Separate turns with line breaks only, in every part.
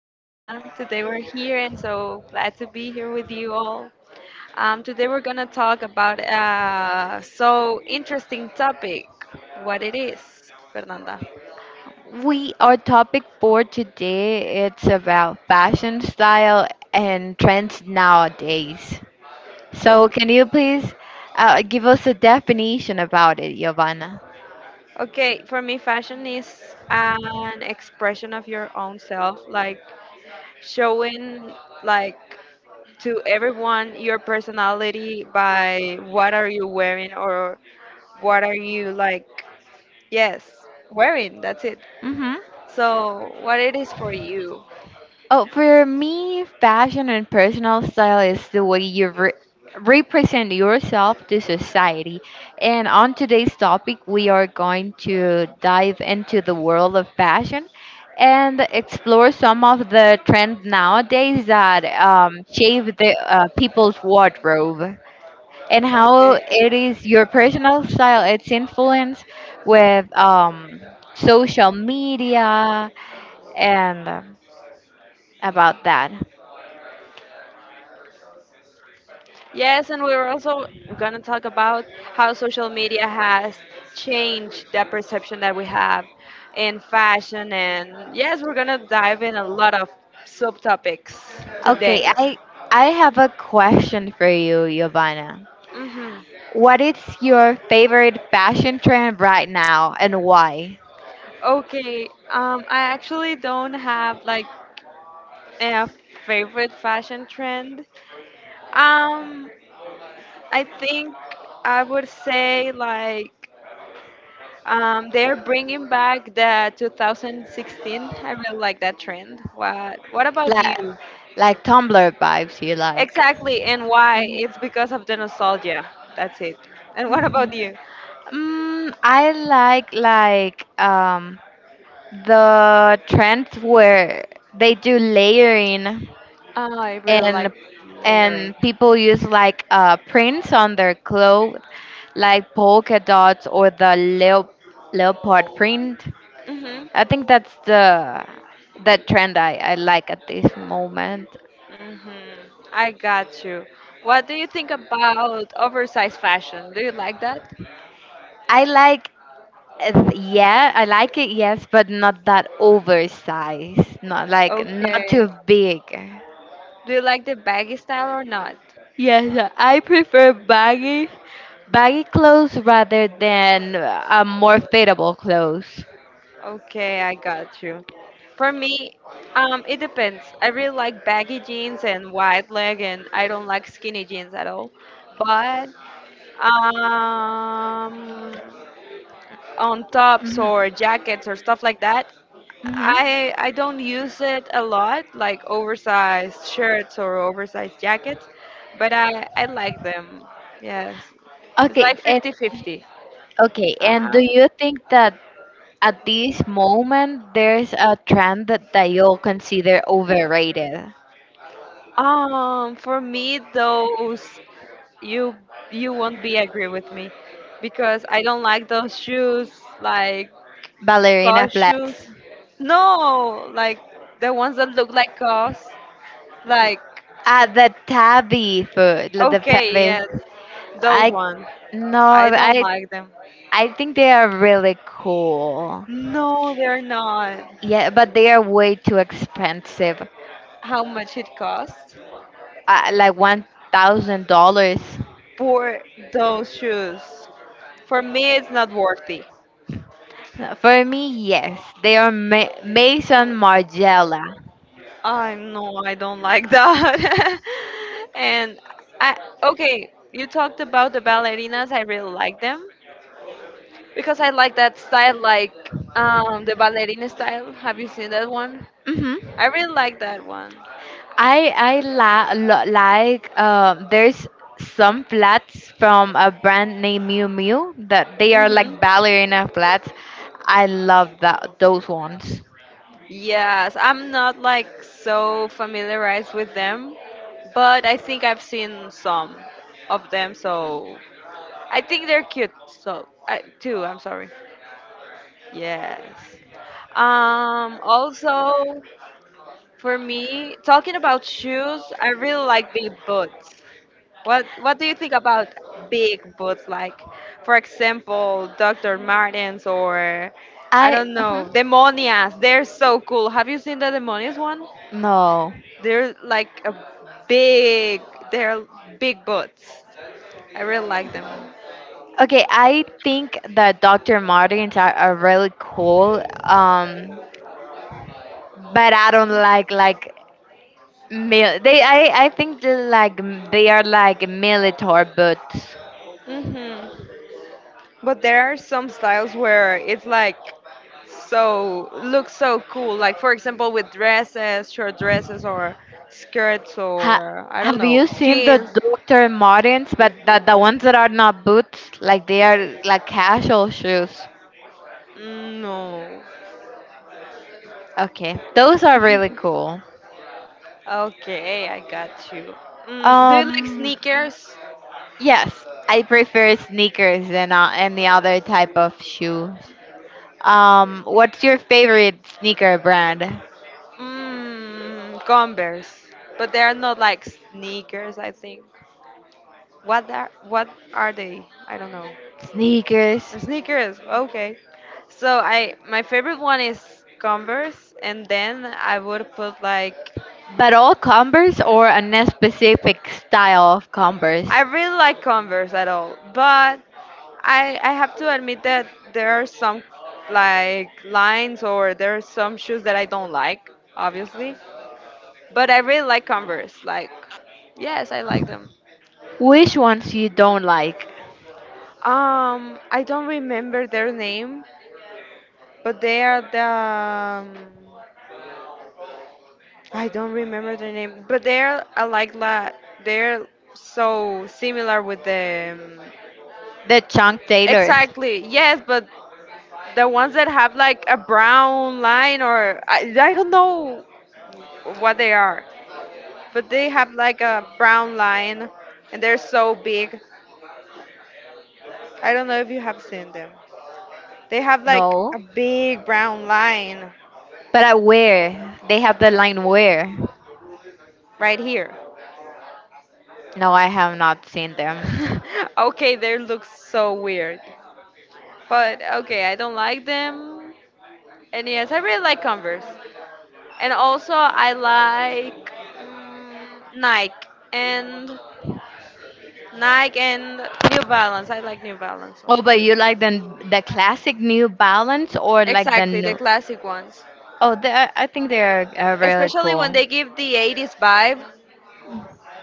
Giovanna. Today we're here and so glad to be here with you all. Today we're going to talk about a so interesting topic. What it is, Fernanda?
We our topic for today it's about fashion style and trends nowadays. So
Oh,
can you please give us a definition about it, Giovanna?
okay, for me, fashion is an expression of your own self, like showing, like, to everyone your personality by what are you wearing, or what are you like, yes, wearing. That's it.
Mm-hmm.
So, what it is for you?
Oh, for me, fashion and personal style is the way you represent yourself to society. And on today's topic, we are going to dive into the world of fashion and explore some of the trends nowadays that shape the people's wardrobe and how
Okay.
it is your personal style, its influence with social media and about that.
Yes, and we were also gonna talk about how social media has changed the perception that we have in fashion, and yes, we're gonna dive in a lot of subtopics
Okay,
today.
I have a question for you, Giovanna.
Hmm.
What is your favorite fashion trend right now and why?
Okay, I actually don't have, like, a favorite fashion trend. Um, I think I would say, like, they're bringing back the 2016. I really like that trend. What about
Like
you?
like Tumblr vibes you like.
Exactly, and why?
Mhm.
It's because of the nostalgia. That's it. And what
Mhm.
about you?
I like the trends where they do layering
Oh, I really like
and and
layering.
people use like prints on their clothes like polka dots or the leopard print.
Mhm.
I think that's the trend I like at this moment.
Mhm. I got you. What do you think about oversized fashion? Do you like that?
I like Yeah, I like it, yes, but not that oversized. Not like not
Okay.
too big.
Do you like the baggy style or not?
Yes, I prefer baggy clothes rather than more fitable clothes.
Okay, I got you. For me, it depends. I really like baggy jeans and wide leg, and I don't like skinny jeans at all. But, um, on tops
Mhm.
or jackets or stuff like that,
Mhm.
I don't use it a lot, like oversized shirts or oversized jackets. But I like them. Yes, it's
Okay,
like
and
50/50.
okay, and do
Uh-huh.
you think that at this moment there's a trend that you'll consider overrated?
For me, those, you you won't be agree with me because I don't like those shoes, like
Ballerina
COS shoes.
flats.
No, like the ones that look like COS. Like,
Ah, the tabby food, like the
okay,
pebbles.
yes, those
I
ones.
no,
I don't like them.
I think they are really cool.
No, they're not.
Yeah, but they are way too expensive.
How much it costs
Like $1,000
for those shoes? For me, it's not worthy.
for me. Yes, they are Maison Margiela.
I No, I don't like that. and I Okay, you talked about the ballerinas. I really like them because I like that style, like, the ballerina style. Have you seen that one?
Mhm.
I really like that one.
I like there's some flats from a brand named Miu Miu that they are
Hmm.
like ballerina flats. I love that those ones.
Yes, I'm not, like, so familiarized with them, but I think I've seen some of them. So I think they're cute. So, I, too. I'm sorry. Yes. Also, for me, talking about shoes, I really like big boots. What do you think about big boots? Like, for example, Dr. Martens or I
I
don't
Mhm.
know, Demonias. They're so cool. Have you seen the Demonias one?
No.
They're like a big. They're big boots. I really like them.
Okay, I think that Dr. Martens are really cool. But I don't like mil- they I think they are like military boots.
Mhm. But there are some styles where it's like so looks so cool. Like, for example, with dresses, short dresses or skirts
Ha
or I don't
Have you
know,
seen the
jeans.
Dr. Martens, but the ones that are not boots, like they are like casual shoes?
Mm, no.
Okay, those are really cool.
Okay, I got you. Mm, do you like
Um,
sneakers?
yes, I prefer sneakers than any other type of shoes. What's your favorite sneaker brand?
Mm, Converse. But they are not, like, sneakers, I think. What are they? I don't know.
Sneakers,
Sneakers, okay. So, I my favorite one is Converse, and then I would put, like,
but all Converse or a specific style of Converse?
I really like Converse at all, but I have to admit that there are some, like, lines or there are some shoes that I don't like, obviously. But I really like Converse. Like, yes, I like them.
Which ones you don't like?
I don't remember their name, but they are the, I don't remember the name, but they're alike. La, they're so similar with the.
The Chunk Taylors?
Exactly. Yes, but the ones that have like a brown line or I don't know what they are, but they have like a brown line and they're so big. I don't know if you have seen them. They have like
No.
a big brown line
But at where? They have the line where?
right here.
No, I have not seen them.
Okay, they look so weird. But okay, I don't like them. And yes, I really like Converse. And also I like, mm, Nike and New Balance. I like New Balance
Oh, but
too.
you like the classic New Balance or like the
Exactly, the
new?
classic ones.
Oh, I think they're really
Especially when
cool.
they give the 80s vibe.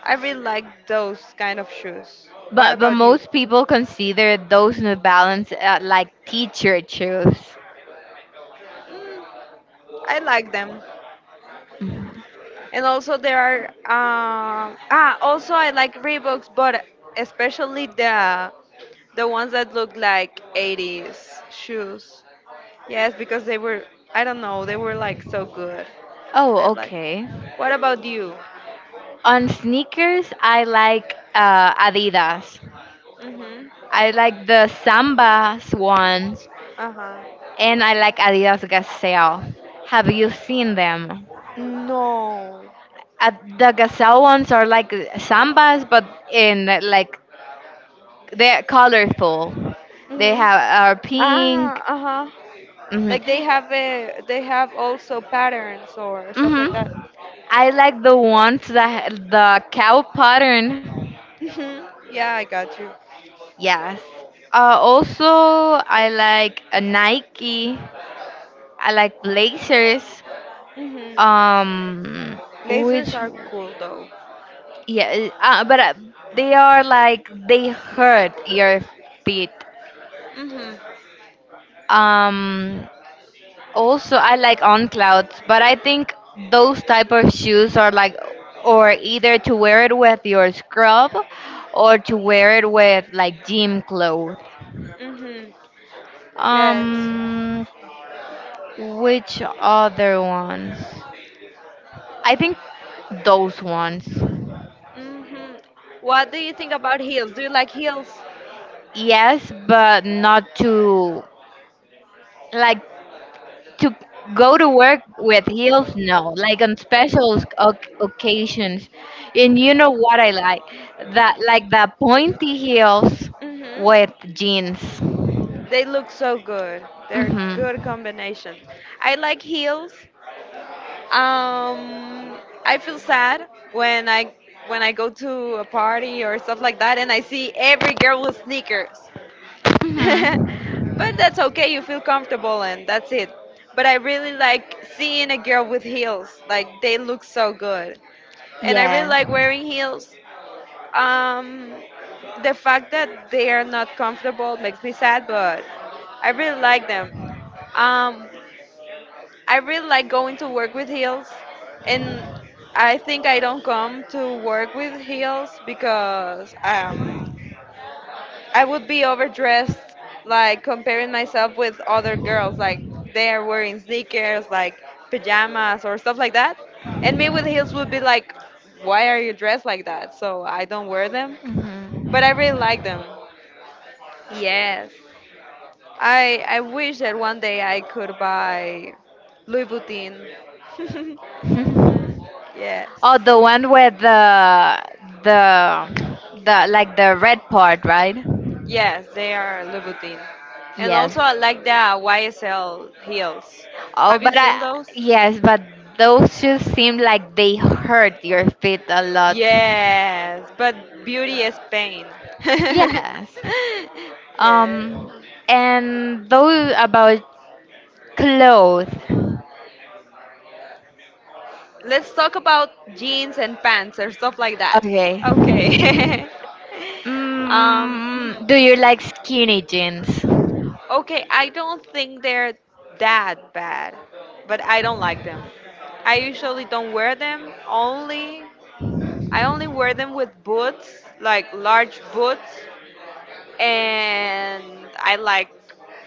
I really like those kind of shoes. What
But
about you?
most people consider those New Balance like teacher shoes.
Mm, I like them. And also there are, also I like Reeboks, but especially the ones that look like 80s shoes. Yes, because they were, I don't know, they were like so good. I
Oh,
like.
okay.
What about you?
On sneakers, I like Adidas.
Mhm.
I like the Samba ones,
Uh huh.
and I like Adidas Gazelle. Have you seen them?
No.
Uh, the gazelle ones are like sambas, but in like they're colorful. They
Mhm.
have are
Ah.
pink.
Uh huh.
Mhm.
Like, they have also patterns or stuff like that.
Mhm. I like the ones that the cow pattern.
Mhm. Yeah, I got you.
Yes. Also, I like a Nike. I like blazers.
Mhm.
Um,
Lasers
which
are cool though.
Yeah, but they are like they hurt your feet.
Mhm.
Um, Also, I like on clouds, but I think those type of shoes are like, or either to wear it with your scrub, or to wear it with like gym clothes.
Mhm. Yes.
Um, which other ones? I think those ones.
Mhm. What do you think about heels? Do you like heels?
Yes, but not to like, to go to work with heels, no, like on special occasions. And you know what I like? That like the pointy heels
Mhm.
with jeans.
They look so good. They're
Mhm.
good combination. I like heels. Um, I feel sad when I go to a party or stuff like that and I see every girl with sneakers. But
Mhm.
that's okay. You feel comfortable and that's it. But I really like seeing a girl with heels. Like, they look so good. And I really
Yes.
like wearing heels. Um, the fact that they are not comfortable makes me sad, but I really like them. Um, I really like going to work with heels, and I think I don't come to work with heels because, I would be overdressed, like comparing myself with other girls, like they are wearing sneakers, like pajamas or stuff like that, and me with heels would be like, why are you dressed like that? So I don't wear them, but I
Mhm.
really like them. Yes. I wish that one day I could buy Louis Vuitton.
Mhm.
Yes,
Oh, the one with the the like the red part, right?
yes, they are Louis Vuitton, and
Yes.
also I like the YSL heels.
Oh,
Have you
but
seen those?
yes, but those shoes seem like they hurt your feet a lot.
Yes, but beauty is pain.
Yes. Um,
Yeah.
and those about clothes.
Let's talk about jeans and pants or stuff like that.
Okay.
Okay. Mhm.
Do you like skinny jeans?
Okay, I don't think they're that bad, but I don't like them. I usually don't wear them. Only I only wear them with boots, like large boots, and I like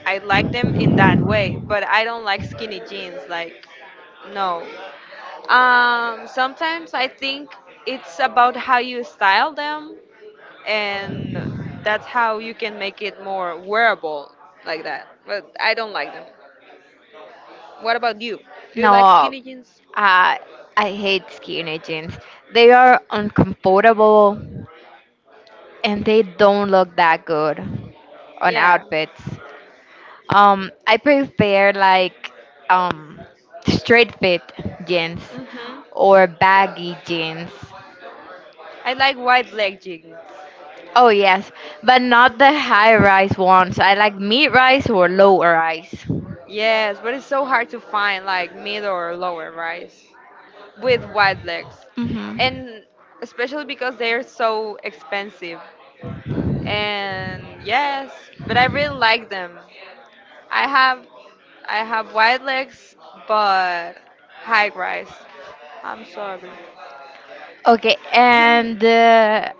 I like them in that way, but I don't like skinny jeans like no. Sometimes I think it's about how you style them and that's how you can make it more wearable like that. But I don't like them. What about you? Do you like
No,
skinny jeans?
I I hate skinny jeans. They are uncomfortable and they don't look that good on
Yeah.
outfits. I prefer like um straight fit jeans
Mhm.
or baggy jeans.
I like wide leg jeans.
Oh yes, but not the high rise ones. I like mid rise or low rise.
Yes, but it's so hard to find like middle or lower rise with wide legs.
Mhm.
And especially because they're so expensive. And yes, but I really like them. I have I have wide legs but high rise. I'm sorry.
Okay, and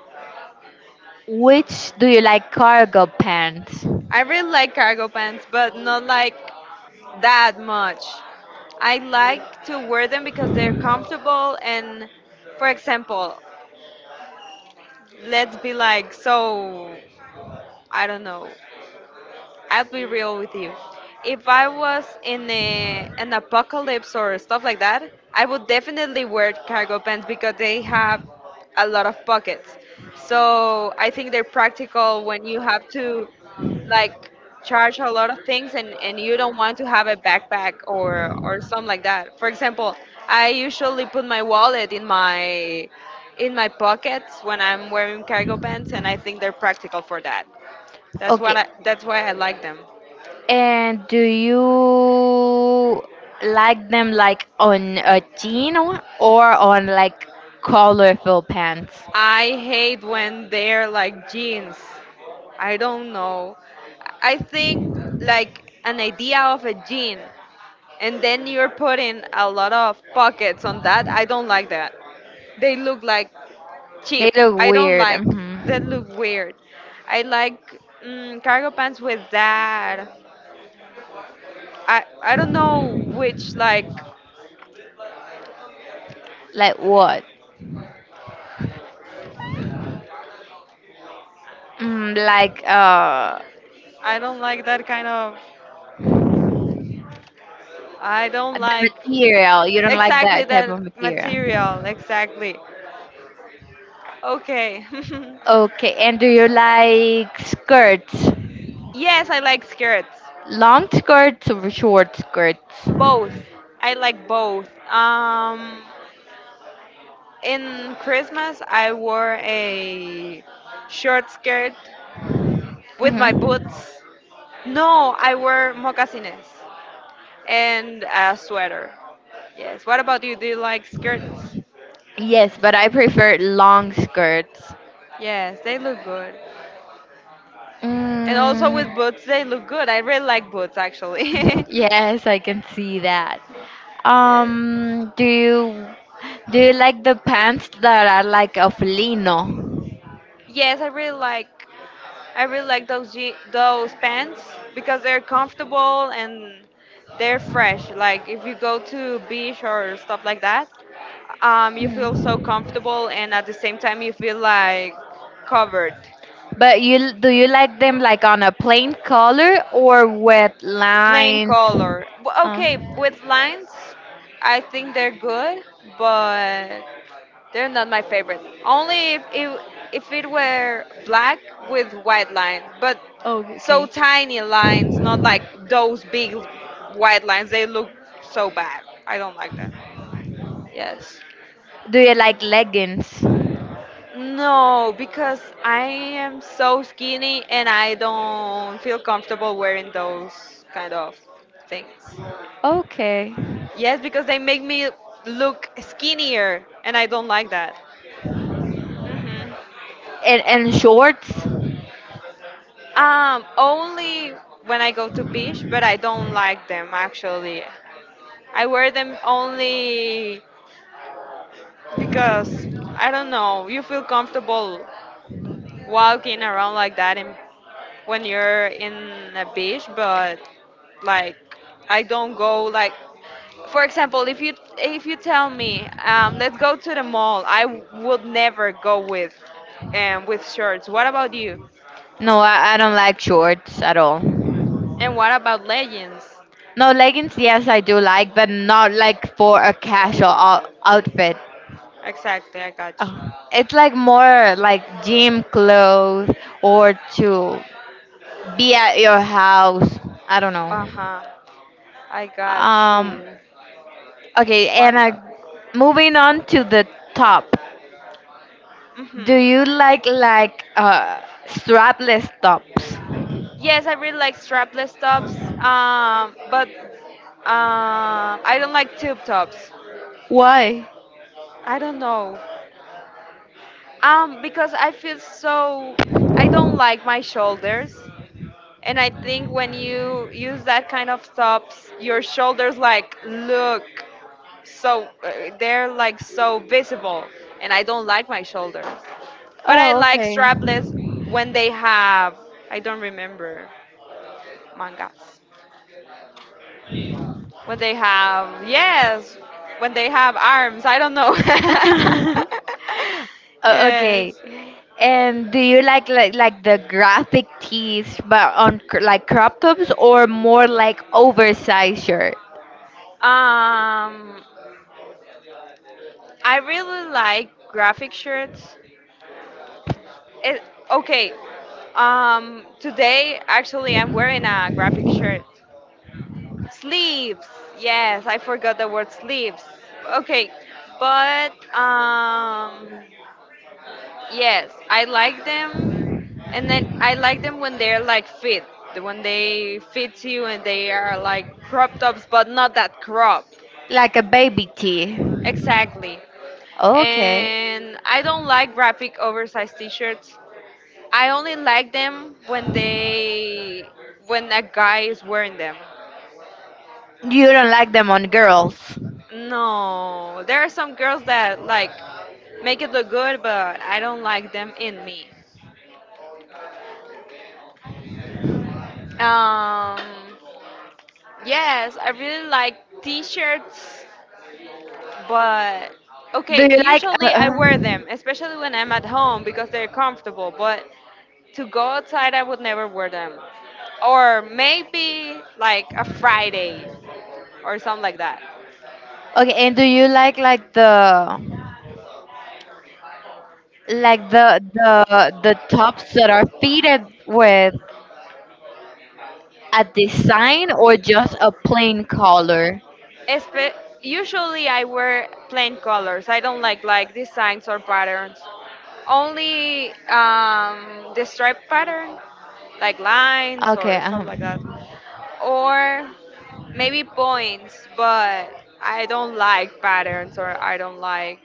which do you like cargo pants?
I really like cargo pants, but not like that much. I like to wear them because they're comfortable and, for example, let's be like so, I don't know, I'll be real with you. If I was in an apocalypse or stuff like that, I would definitely wear cargo pants because they have a lot of pockets. So I think they're practical when you have to, like, charge a lot of things and, you don't want to have a backpack or something like that. For example, I usually put my wallet in my pockets when I'm wearing cargo pants and I think they're practical for that. That's
Okay,
what I, that's why I like them.
and do you like them like on a jean or on like colorful pants?
I hate when they're like jeans. I don't know. I think, like, an idea of a jean and then you're putting a lot of pockets on that. I don't like that. They look like
They
cheap.
look
I don't
weird.
like that
Mhm.
look weird. I like, cargo pants with that. I don't know which like.
Like what? Like
I don't like that kind of, I don't
the
like
material. You don't like
exactly
that type
that
of material.
material, exactly. Okay.
Okay, and do you like skirts?
Yes, I like skirts.
Long skirts or short skirts?
Both. I like both. In Christmas, I wore a short skirt with my boots.
Hmm.
No, I wore moccasines and a sweater. Yes. What about you? Do you like skirts?
Yes, but I prefer long skirts.
Yes, they look good. And also
Mm,
with boots, they look good. I really like boots, actually.
yes, I can see that.
Yes.
Um, do you do you like the pants that are like of lino?
Yes, I really like those those pants because they're comfortable and they're fresh. Like, if you go to beach or stuff like that, you feel so
Mhm.
comfortable and at the same time you feel like covered.
But you do you like them like on a plain color or with
Plain
lines?
color.
Uh,
Okay, with lines, I think they're good, but they're not my favorite. Only if it were black with white lines, but
oh,
so
okay.
tiny lines, not like those big white lines. They look so bad. I don't like that. Yes.
Do you like leggings?
No, because I am so skinny and I don't feel comfortable wearing those kind of things.
Okay.
Yes, because they make me look skinnier and I don't like that. Hmm.
And shorts?
Only when I go to beach, but I don't like them actually. I wear them only because I don't know. You feel comfortable walking around like that when you're in a beach, but, like, I don't go like. For example, if you tell me, let's go to the mall, I would never go with, with shorts. What about you?
No, I don't like shorts at all.
And what about leggings?
No leggings, yes, I do like, but not like for a casual outfit.
Exactly, I got you.
Oh, it's like more like gym clothes or to be at your house. I don't know.
Uh huh. I got
Um,
you.
Okay,
What?
and moving on to the top. Do you
Mm-hmm.
like strapless tops?
Yes, I really like strapless tops. But, I don't like tube tops.
Why?
I don't know. Because I feel so. I don't like my shoulders, and I think when you use that kind of tops, your shoulders like look. so uh, they're like so visible, and I don't like my shoulders, but I
Oh,
like
okay.
strapless when they have, I don't remember, mangas, when they have, yes, when they have arms, I don't know.
Okay.
Yes.
And do you like the graphic tees, but on like crop tops, or more like oversized shirt,
um I really like graphic shirts. It, okay, today actually I'm wearing a graphic shirt. Sleeves. Yes, I forgot the word sleeves. Okay, but yes, I like them, and then I like them when they're like fit, when they fit you and they are like crop tops, but not that crop.
like a baby tee?
Exactly.
Okay.
And I don't like graphic oversized t-shirts. I only like them when they, when a guy is wearing them.
You don't like them on girls.
No, there are some girls that like make it look good, but I don't like them in me. Um, yes, I really like t-shirts, but
Do
okay,
you like?
usually I
uh?
wear them, especially when I'm at home because they're comfortable, but to go outside I would never wear them. Or maybe like a Friday or something like that.
Okay, and do you like the like the tops that are fitted with a design or just a plain color?
Espe- Usually I wear plain colors. I don't like designs or patterns. Only the stripe pattern, like lines
Okay,
or stuff like that, or maybe points. But I don't like patterns, or I don't like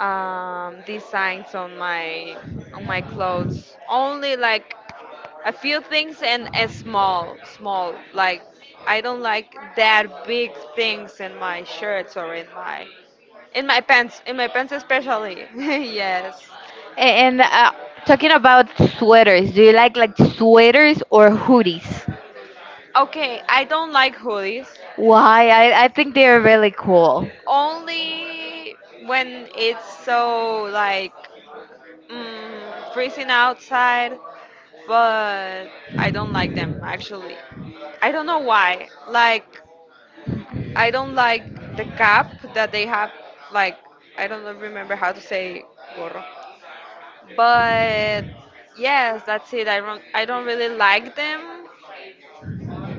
designs on my clothes. Only like a few things, and a small small like, I don't like that big things in my shirts or in my pants, in my pants especially. Yes.
and talking about sweaters, do you like sweaters or hoodies?
Okay, I don't like hoodies,
Why? I think they are really cool.
only when it's so like, freezing outside, but I don't like them actually. I don't know why, like I don't like the cap that they have. Like I don't know- remember how to say gorro, but yes, that's it. I don't really like them.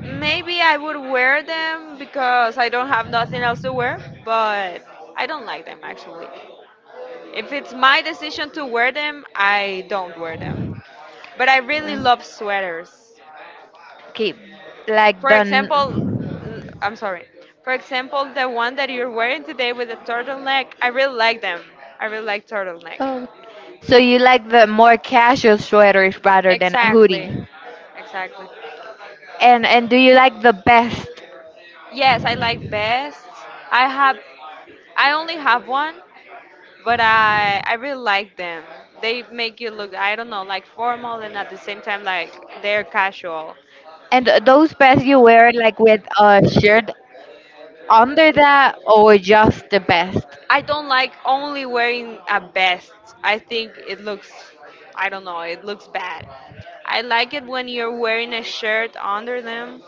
Maybe I would wear them because I don't have nothing else to wear, but I don't like them actually. If it's my decision to wear them, I don't wear them. But I really
Mm,
love sweaters.
Okay, like
For
the
example,
n-
l- I'm sorry. For example, the one that you're wearing today with the turtleneck, I really like them. I really like turtleneck.
oh, so you like the more casual sweaters rather than a
Exactly.
hoodie.
Exactly.
And do you like the best.
Yes, I like best. I have, I only have one, but I really like them. They make you look, I don't know, like formal and at the same time like they're casual.
And those pants you wear like with a shirt under that or just the vest?
I don't like only wearing a vest. I think it looks, I don't know, it looks bad. I like it when you're wearing a shirt under them,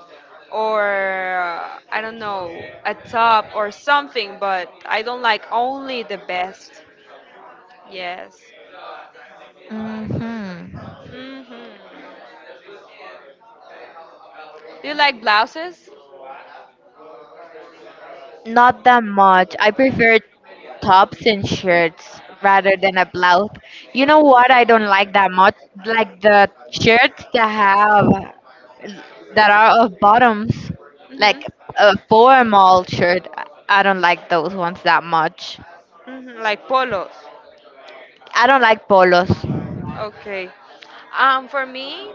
or, I don't know, a top or something, but I don't like only the vest. Yes.
Hmm.
Hmm. Do you like blouses?
Not that much. I prefer tops and shirts rather than a blouse. You know what I don't like that much? Like the shirts that have that are of bottoms, like
Hmm.
a formal shirt. I don't like those ones that much.
Hmm. Like polos.
I don't like polos.
Okay. For me,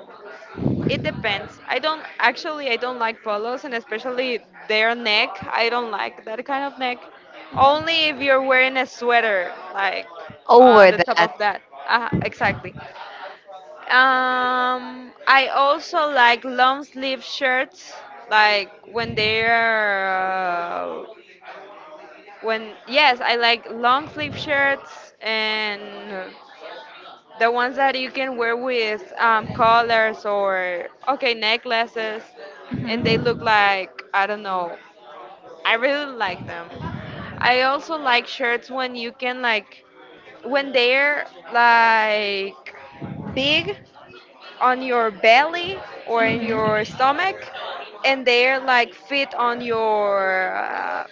it depends. I don't actually, I don't like polos and especially their neck. I don't like that kind of neck. Only if you're wearing a sweater like on
Over
the top
that.
of that. Exactly. I also like long sleeve shirts like when they're when, yes, I like long sleeve shirts and the ones that you can wear with collars or okay necklaces, and they look like I don't know. I really like them. I also like shirts when you can like when they're like big on your belly or in your
Hmm.
stomach, and they're like fit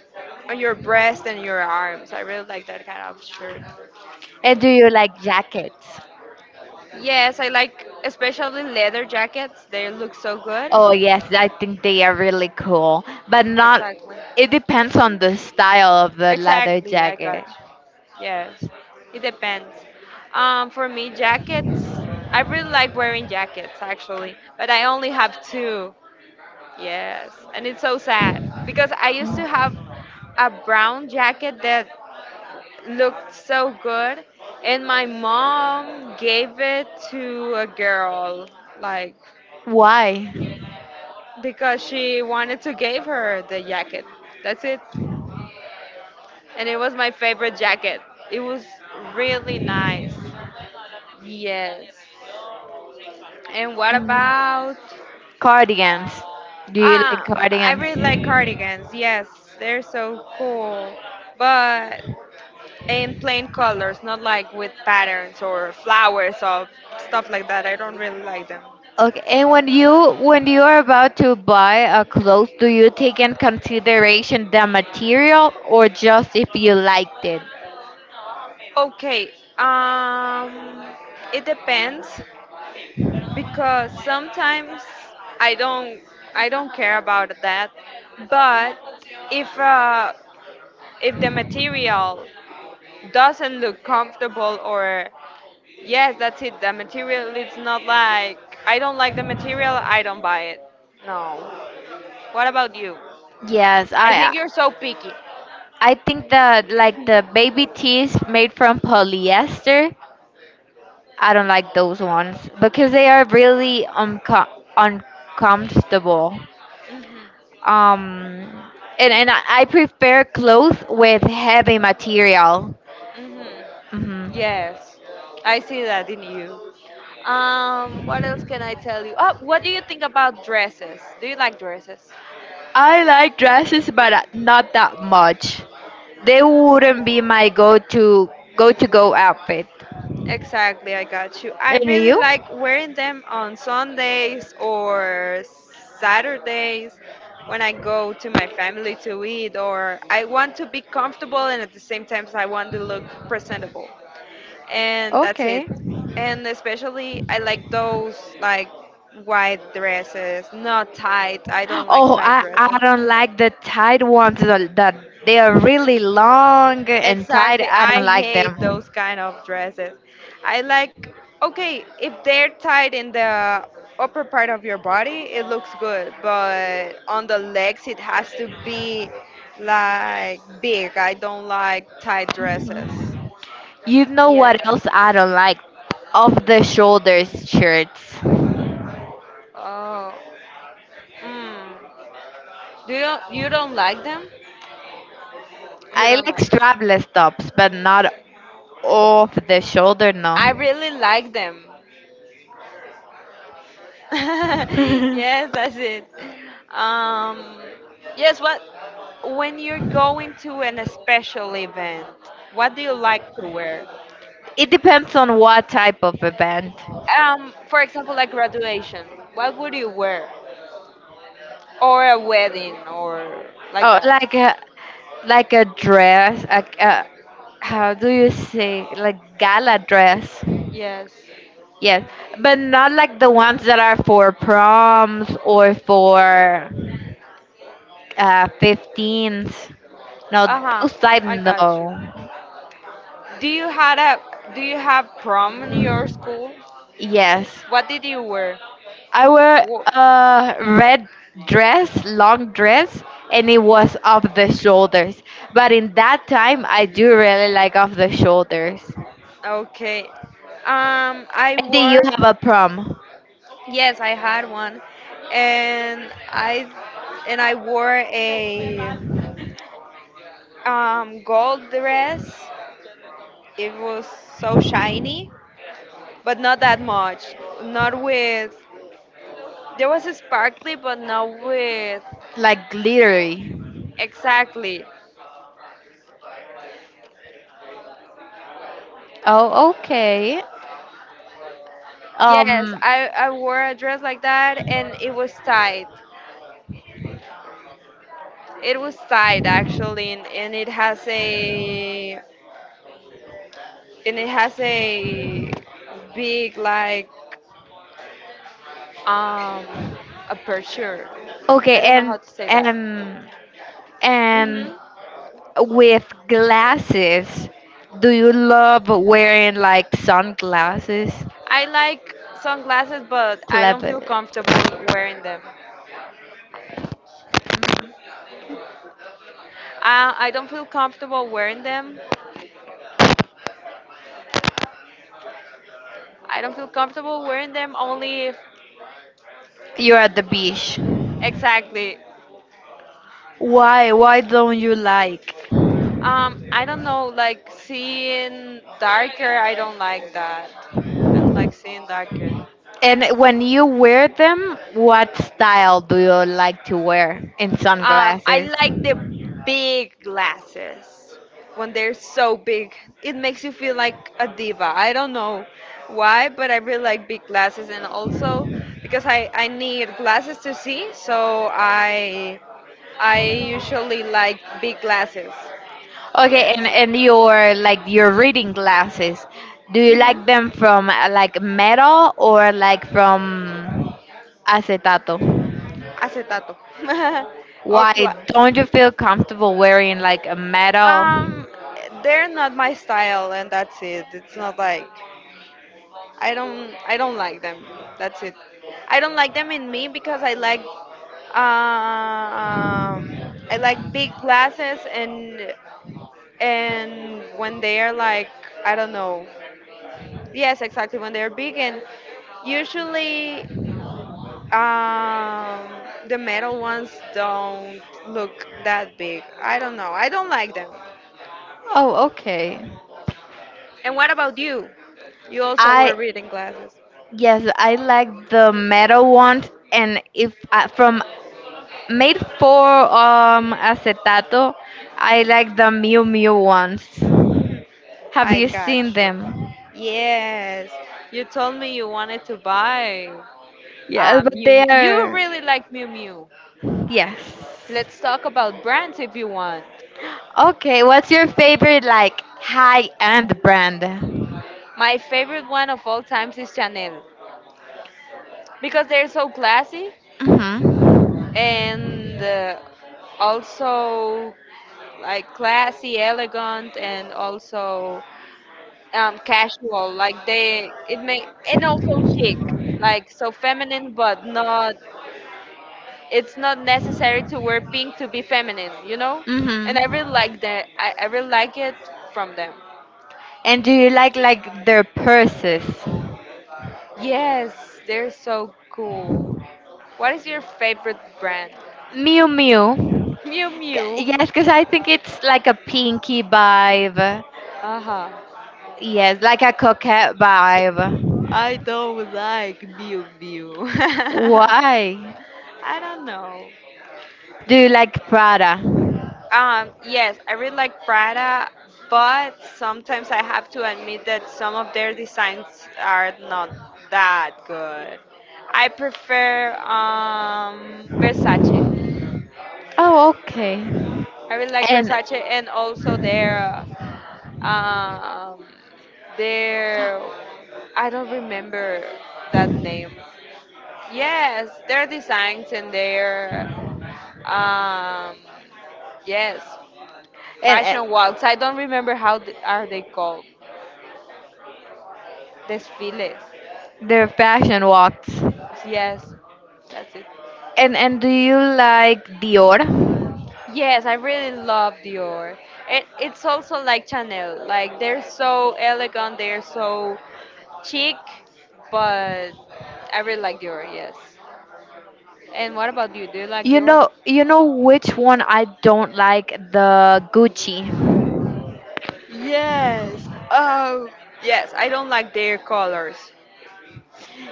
on your breast and your arms. I really like that kind of shirt.
And do you like jackets?
Yes, I like especially leather jackets. They look so good.
Oh yes, I think they are really cool, but not.
Exactly.
It depends on the style of the leather
Exactly, I got
jacket.
you. Yes, it depends. For me, jackets, I really like wearing jackets actually, but I only have two. Yes, and it's so sad because I used to
Mm.
have a brown jacket that looked so good, and my mom gave it to a girl, like
Why?
because she wanted to give her the jacket. That's it. And it was my favorite jacket. It was really nice. Yes. And what
Mm.
about,
Cardigans. Do you like
ah, I
cardigans?
really like cardigans. Yes, they're so cool. But in plain colors, not like with patterns or flowers or stuff like that. I don't really like them.
Okay, and when you are about to buy a clothes, do you take in consideration the material or just if you liked it?
Okay. Um it depends because sometimes I don't I don't care about that. But if uh, if the material doesn't look comfortable, or yes, that's it. The material it's not like, I don't like the material, I don't buy it. No. What about you?
Yes,
I
I
think
I
you're so picky.
I think that like the baby tees made from polyester I don't like those ones because they are really uncomfortable.
Mhm.
Um, and I prefer clothes with heavy material.
Mhm.
Hmm.
Yes, I see that in you. What else can I tell you? Oh, what do you think about dresses? Do you like dresses?
I like dresses, but not that much. They wouldn't be my go-to-go outfit.
Exactly, I got you. I
And
really
you?
like wearing them on Sundays or Saturdays when I go to my family to eat, or I want to be comfortable and at the same time I want to look presentable. And that's
Okay.
it. And especially, I like those like white dresses, not tight. I don't like
Oh,
tight
I,
dresses.
I don't like the tight ones that they are really long and tight.
Exactly.
I
I
don't like
hate
them.
those kind of dresses. I like, okay, if they're tied in the upper part of your body, it looks good, but on the legs, it has to be like big. I don't like tight dresses.
You know what
Yes.
else I don't like? Off the shoulders shirts.
Oh, mm. Do you, you don't like them? You
I
don't
like
like them.
strapless tops, but not off the shoulder, no.
I really like them. Yes, that's it. Um, yes, what, when you're going to an special event, what do you like to wear?
It depends on what type of event.
For example, like graduation, what would you wear? Or a wedding, or like
Oh,
that.
like a dress, how do you say, like gala dress.
Yes.
Yes, but not like the ones that are for proms or for 15s. No,
Uh huh.
those type
I
no.
got you. Do you had a, do you have prom in your school?
Yes,
What did you wear?
I wear
Wha-
a red dress, long dress, and it was off the shoulders. But in that time, I do really like off the shoulders.
Okay. I
And did you
wore,
have a prom?
yes, I had one, and I, and I wore a gold dress. It was so shiny, but not that much. Not with, there was a sparkly, but not with
Like glittery.
exactly.
Oh, okay.
Yes,
Um,
I wore a dress like that, and it was tight. It was tight actually, and it has a, and it has a big like um aperture.
okay,
I don't know how to say that.
and and
Hmm.
with glasses, do you love wearing like sunglasses?
I like sunglasses, but I don't
Clever.
feel comfortable wearing them. I don't feel comfortable wearing them. I don't feel comfortable wearing them only if
You're at the beach.
exactly.
Why? Why don't you like?
I don't know, like seeing darker. I don't like that. I don't like seeing darker.
And when you wear them, what style do you like to wear in
I
sunglasses?
like the big glasses when they're so big. It makes you feel like a diva. I don't know why, but I really like big glasses, and also because I need glasses to see, so I usually like big glasses.
Okay,
Yes,
and your like your reading glasses, do you like them from like metal or like from acetato?
acetato. Or
Why
pla-
don't you feel comfortable wearing like a metal?
um, they're not my style, and that's it. It's not like. I don't like them. That's it. I don't like them in me because um I like big glasses, and when they are like I don't know. Yes, exactly when they're big, and usually um the metal ones don't look that big. I don't know. I don't like them.
Oh, okay.
And what about you? You also wear
I
reading glasses.
Yes, I like the metal ones, and if I, from made for acetato. I like the Miu Miu ones. Have
I
you
got
seen
you.
them?
Yes, you told me you wanted to buy
Yeah, but
Miu
they
Miu. You
are
really like Miu Miu.
yes.
Let's talk about brands if you want.
Okay, what's your favorite like high-end brand?
My favorite one of all times is Chanel because they're so classy,
Mhm.
and also like classy, elegant, and also casual. Like they, it may, and also chic, like so feminine, but not, it's not necessary to wear pink to be feminine, you know? And I
Mhm.
really like that. I really like it from them.
And do you like their purses?
Yes, they're so cool. What is your favorite brand?
Miu Miu.
Mew Mew.
Yes, because I think it's like a pinky vibe.
Uh-huh.
Yes, like a coquette vibe.
I don't like Mew Mew. I
Why?
don't know.
Do you like Prada?
Yes, I really like Prada, but sometimes I have to admit that some of their designs are not that good. I prefer Versace.
Oh, okay.
I really like
And
Versace and also um, their I don't remember that name. Yes, their designs and their um yes,
and
fashion walks. I don't remember how th- are they called. Desfiles.
their fashion walks.
Yes, that's it.
And do you like Dior?
Yes, I really love Dior. It, it's also like Chanel. Like they're so elegant, they're so chic, but I really like Dior. Yes. And what about you? Do you like
You
Dior?
know you know which one I don't like the Gucci.
Yes. Oh, yes. I don't like their colors.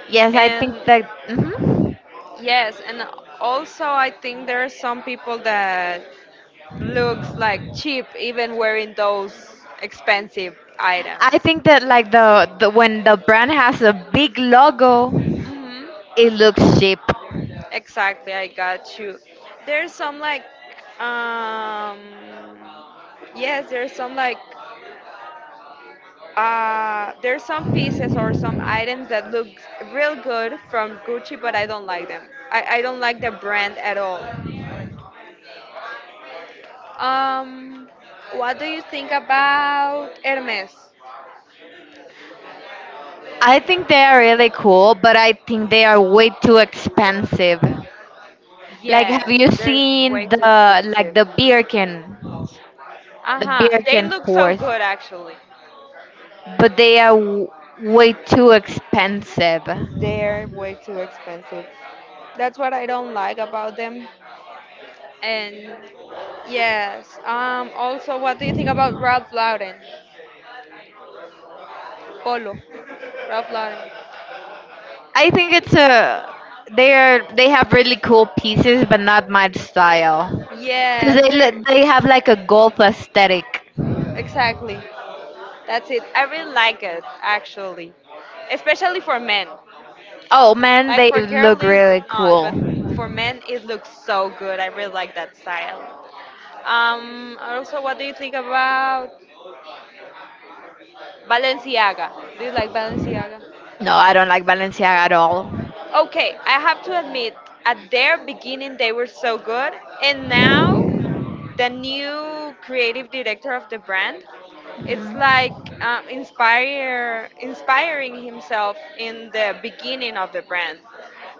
Yes, I think
And
that. Hmm.
yes, and also I think there are some people that looks like cheap even wearing those expensive items.
I think that like the when the brand has a big logo,
Hmm.
it looks cheap.
Exactly, I got you. There's some like, um, yes, there's some like, there's some pieces or some items that look real good from Gucci, but I don't like them. I don't like the brand at all. Um, what do you think about Hermes?
I think they are really cool, but I think they are way too expensive. Like, have
Yes,
you
they're way
seen
too
the like
expensive.
the beer can,
Uh
the
huh.
beer
They
can
look so
pours,
good actually.
but they are way too expensive.
They're way too expensive. That's what I don't like about them. And yes, also, what do you think about Ralph Lauren? Polo. Ralph Lauren.
I think it's a they are they have really cool pieces, but not my style. Cause
Yes, they're
they have like a golf aesthetic.
exactly. That's it. I really like it actually, especially for men.
Oh man,
Like
they
for
look
girlies,
really
not,
cool.
but for men, it looks so good. I really like that style. Also, what do you think about Balenciaga? Do you like Balenciaga?
No, I don't like Balenciaga at all.
Okay, I have to
I
admit, at their beginning they were so good, and now the new creative director of the brand, it's like inspire inspiring himself in the beginning of the brand.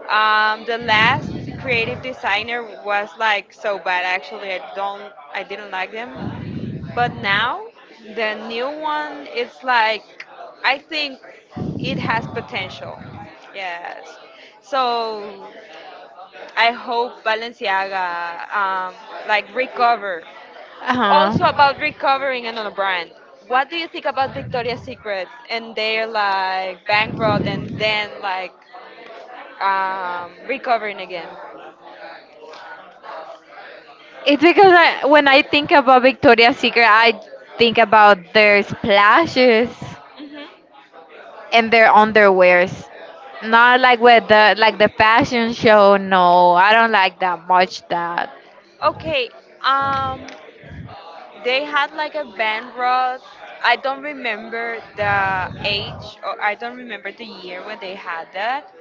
The last creative designer was like so bad. Actually, I don't, I didn't like them. But now the new one its like I think it has potential. Yes. So I hope Balenciaga like recover.
Uh
Also about
huh.
recovering another brand. What do you think about Victoria's Secret and they're like bankrupt and then like recovering again?
It's because when I think about Victoria's Secret, I think about their splashes
Hmm.
and their underwears. Not like with the like the fashion show. No, I don't like that much. That.
Okay. Um, They had like a band rod. I don't remember the age or I don't remember the year when they had that,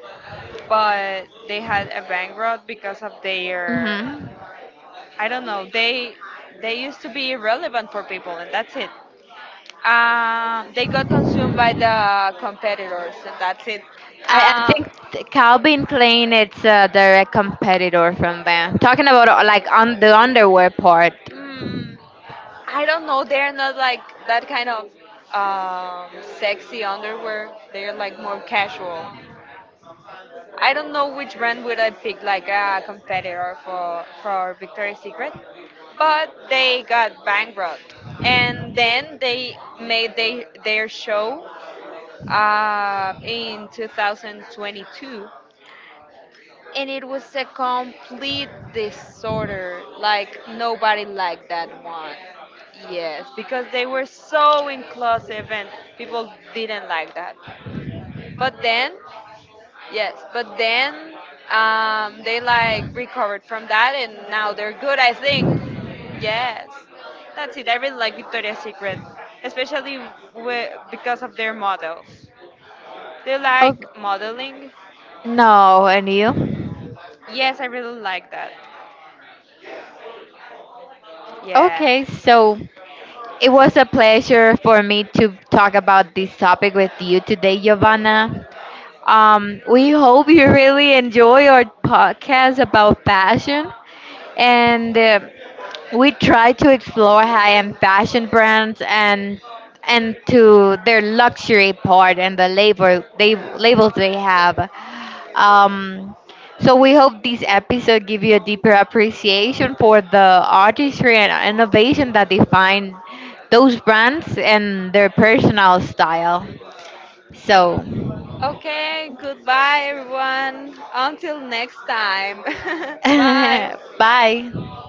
but they had a band rod because of their,
Hmm.
I don't know. They used to be irrelevant for people and that's it. They got consumed by the competitors and that's it.
I
Um,
think Calvin Klein it's a direct competitor from them. Talking about like on the underwear part.
mm, I don't know. They're not like that kind of sexy underwear. They're like more casual. I don't know which brand would I pick like a competitor for Victoria's Secret, but they got bankrupt, and then they made they, their show in 2022, and it was a complete disorder. Like nobody liked that one. Yes, because they were so inclusive and people didn't like that. But then, yes, but then they like recovered from that and now they're good, I think. Yes, that's it. I really like Victoria's Secret, especially wi- because of their models. They
Oh
like modeling.
no, and you?
Yes, I really like that. Yes.
Okay, so it was a pleasure for me to talk about this topic with you today, Giovanna. We hope you really enjoy our podcast about passion. And we try to explore high-end fashion brands and to their luxury part and the labels they have. Um, so we hope this episode give you a deeper appreciation for the artistry and innovation that define those brands and their personal style. So,
Okay, goodbye everyone. Until next time. Bye.
bye.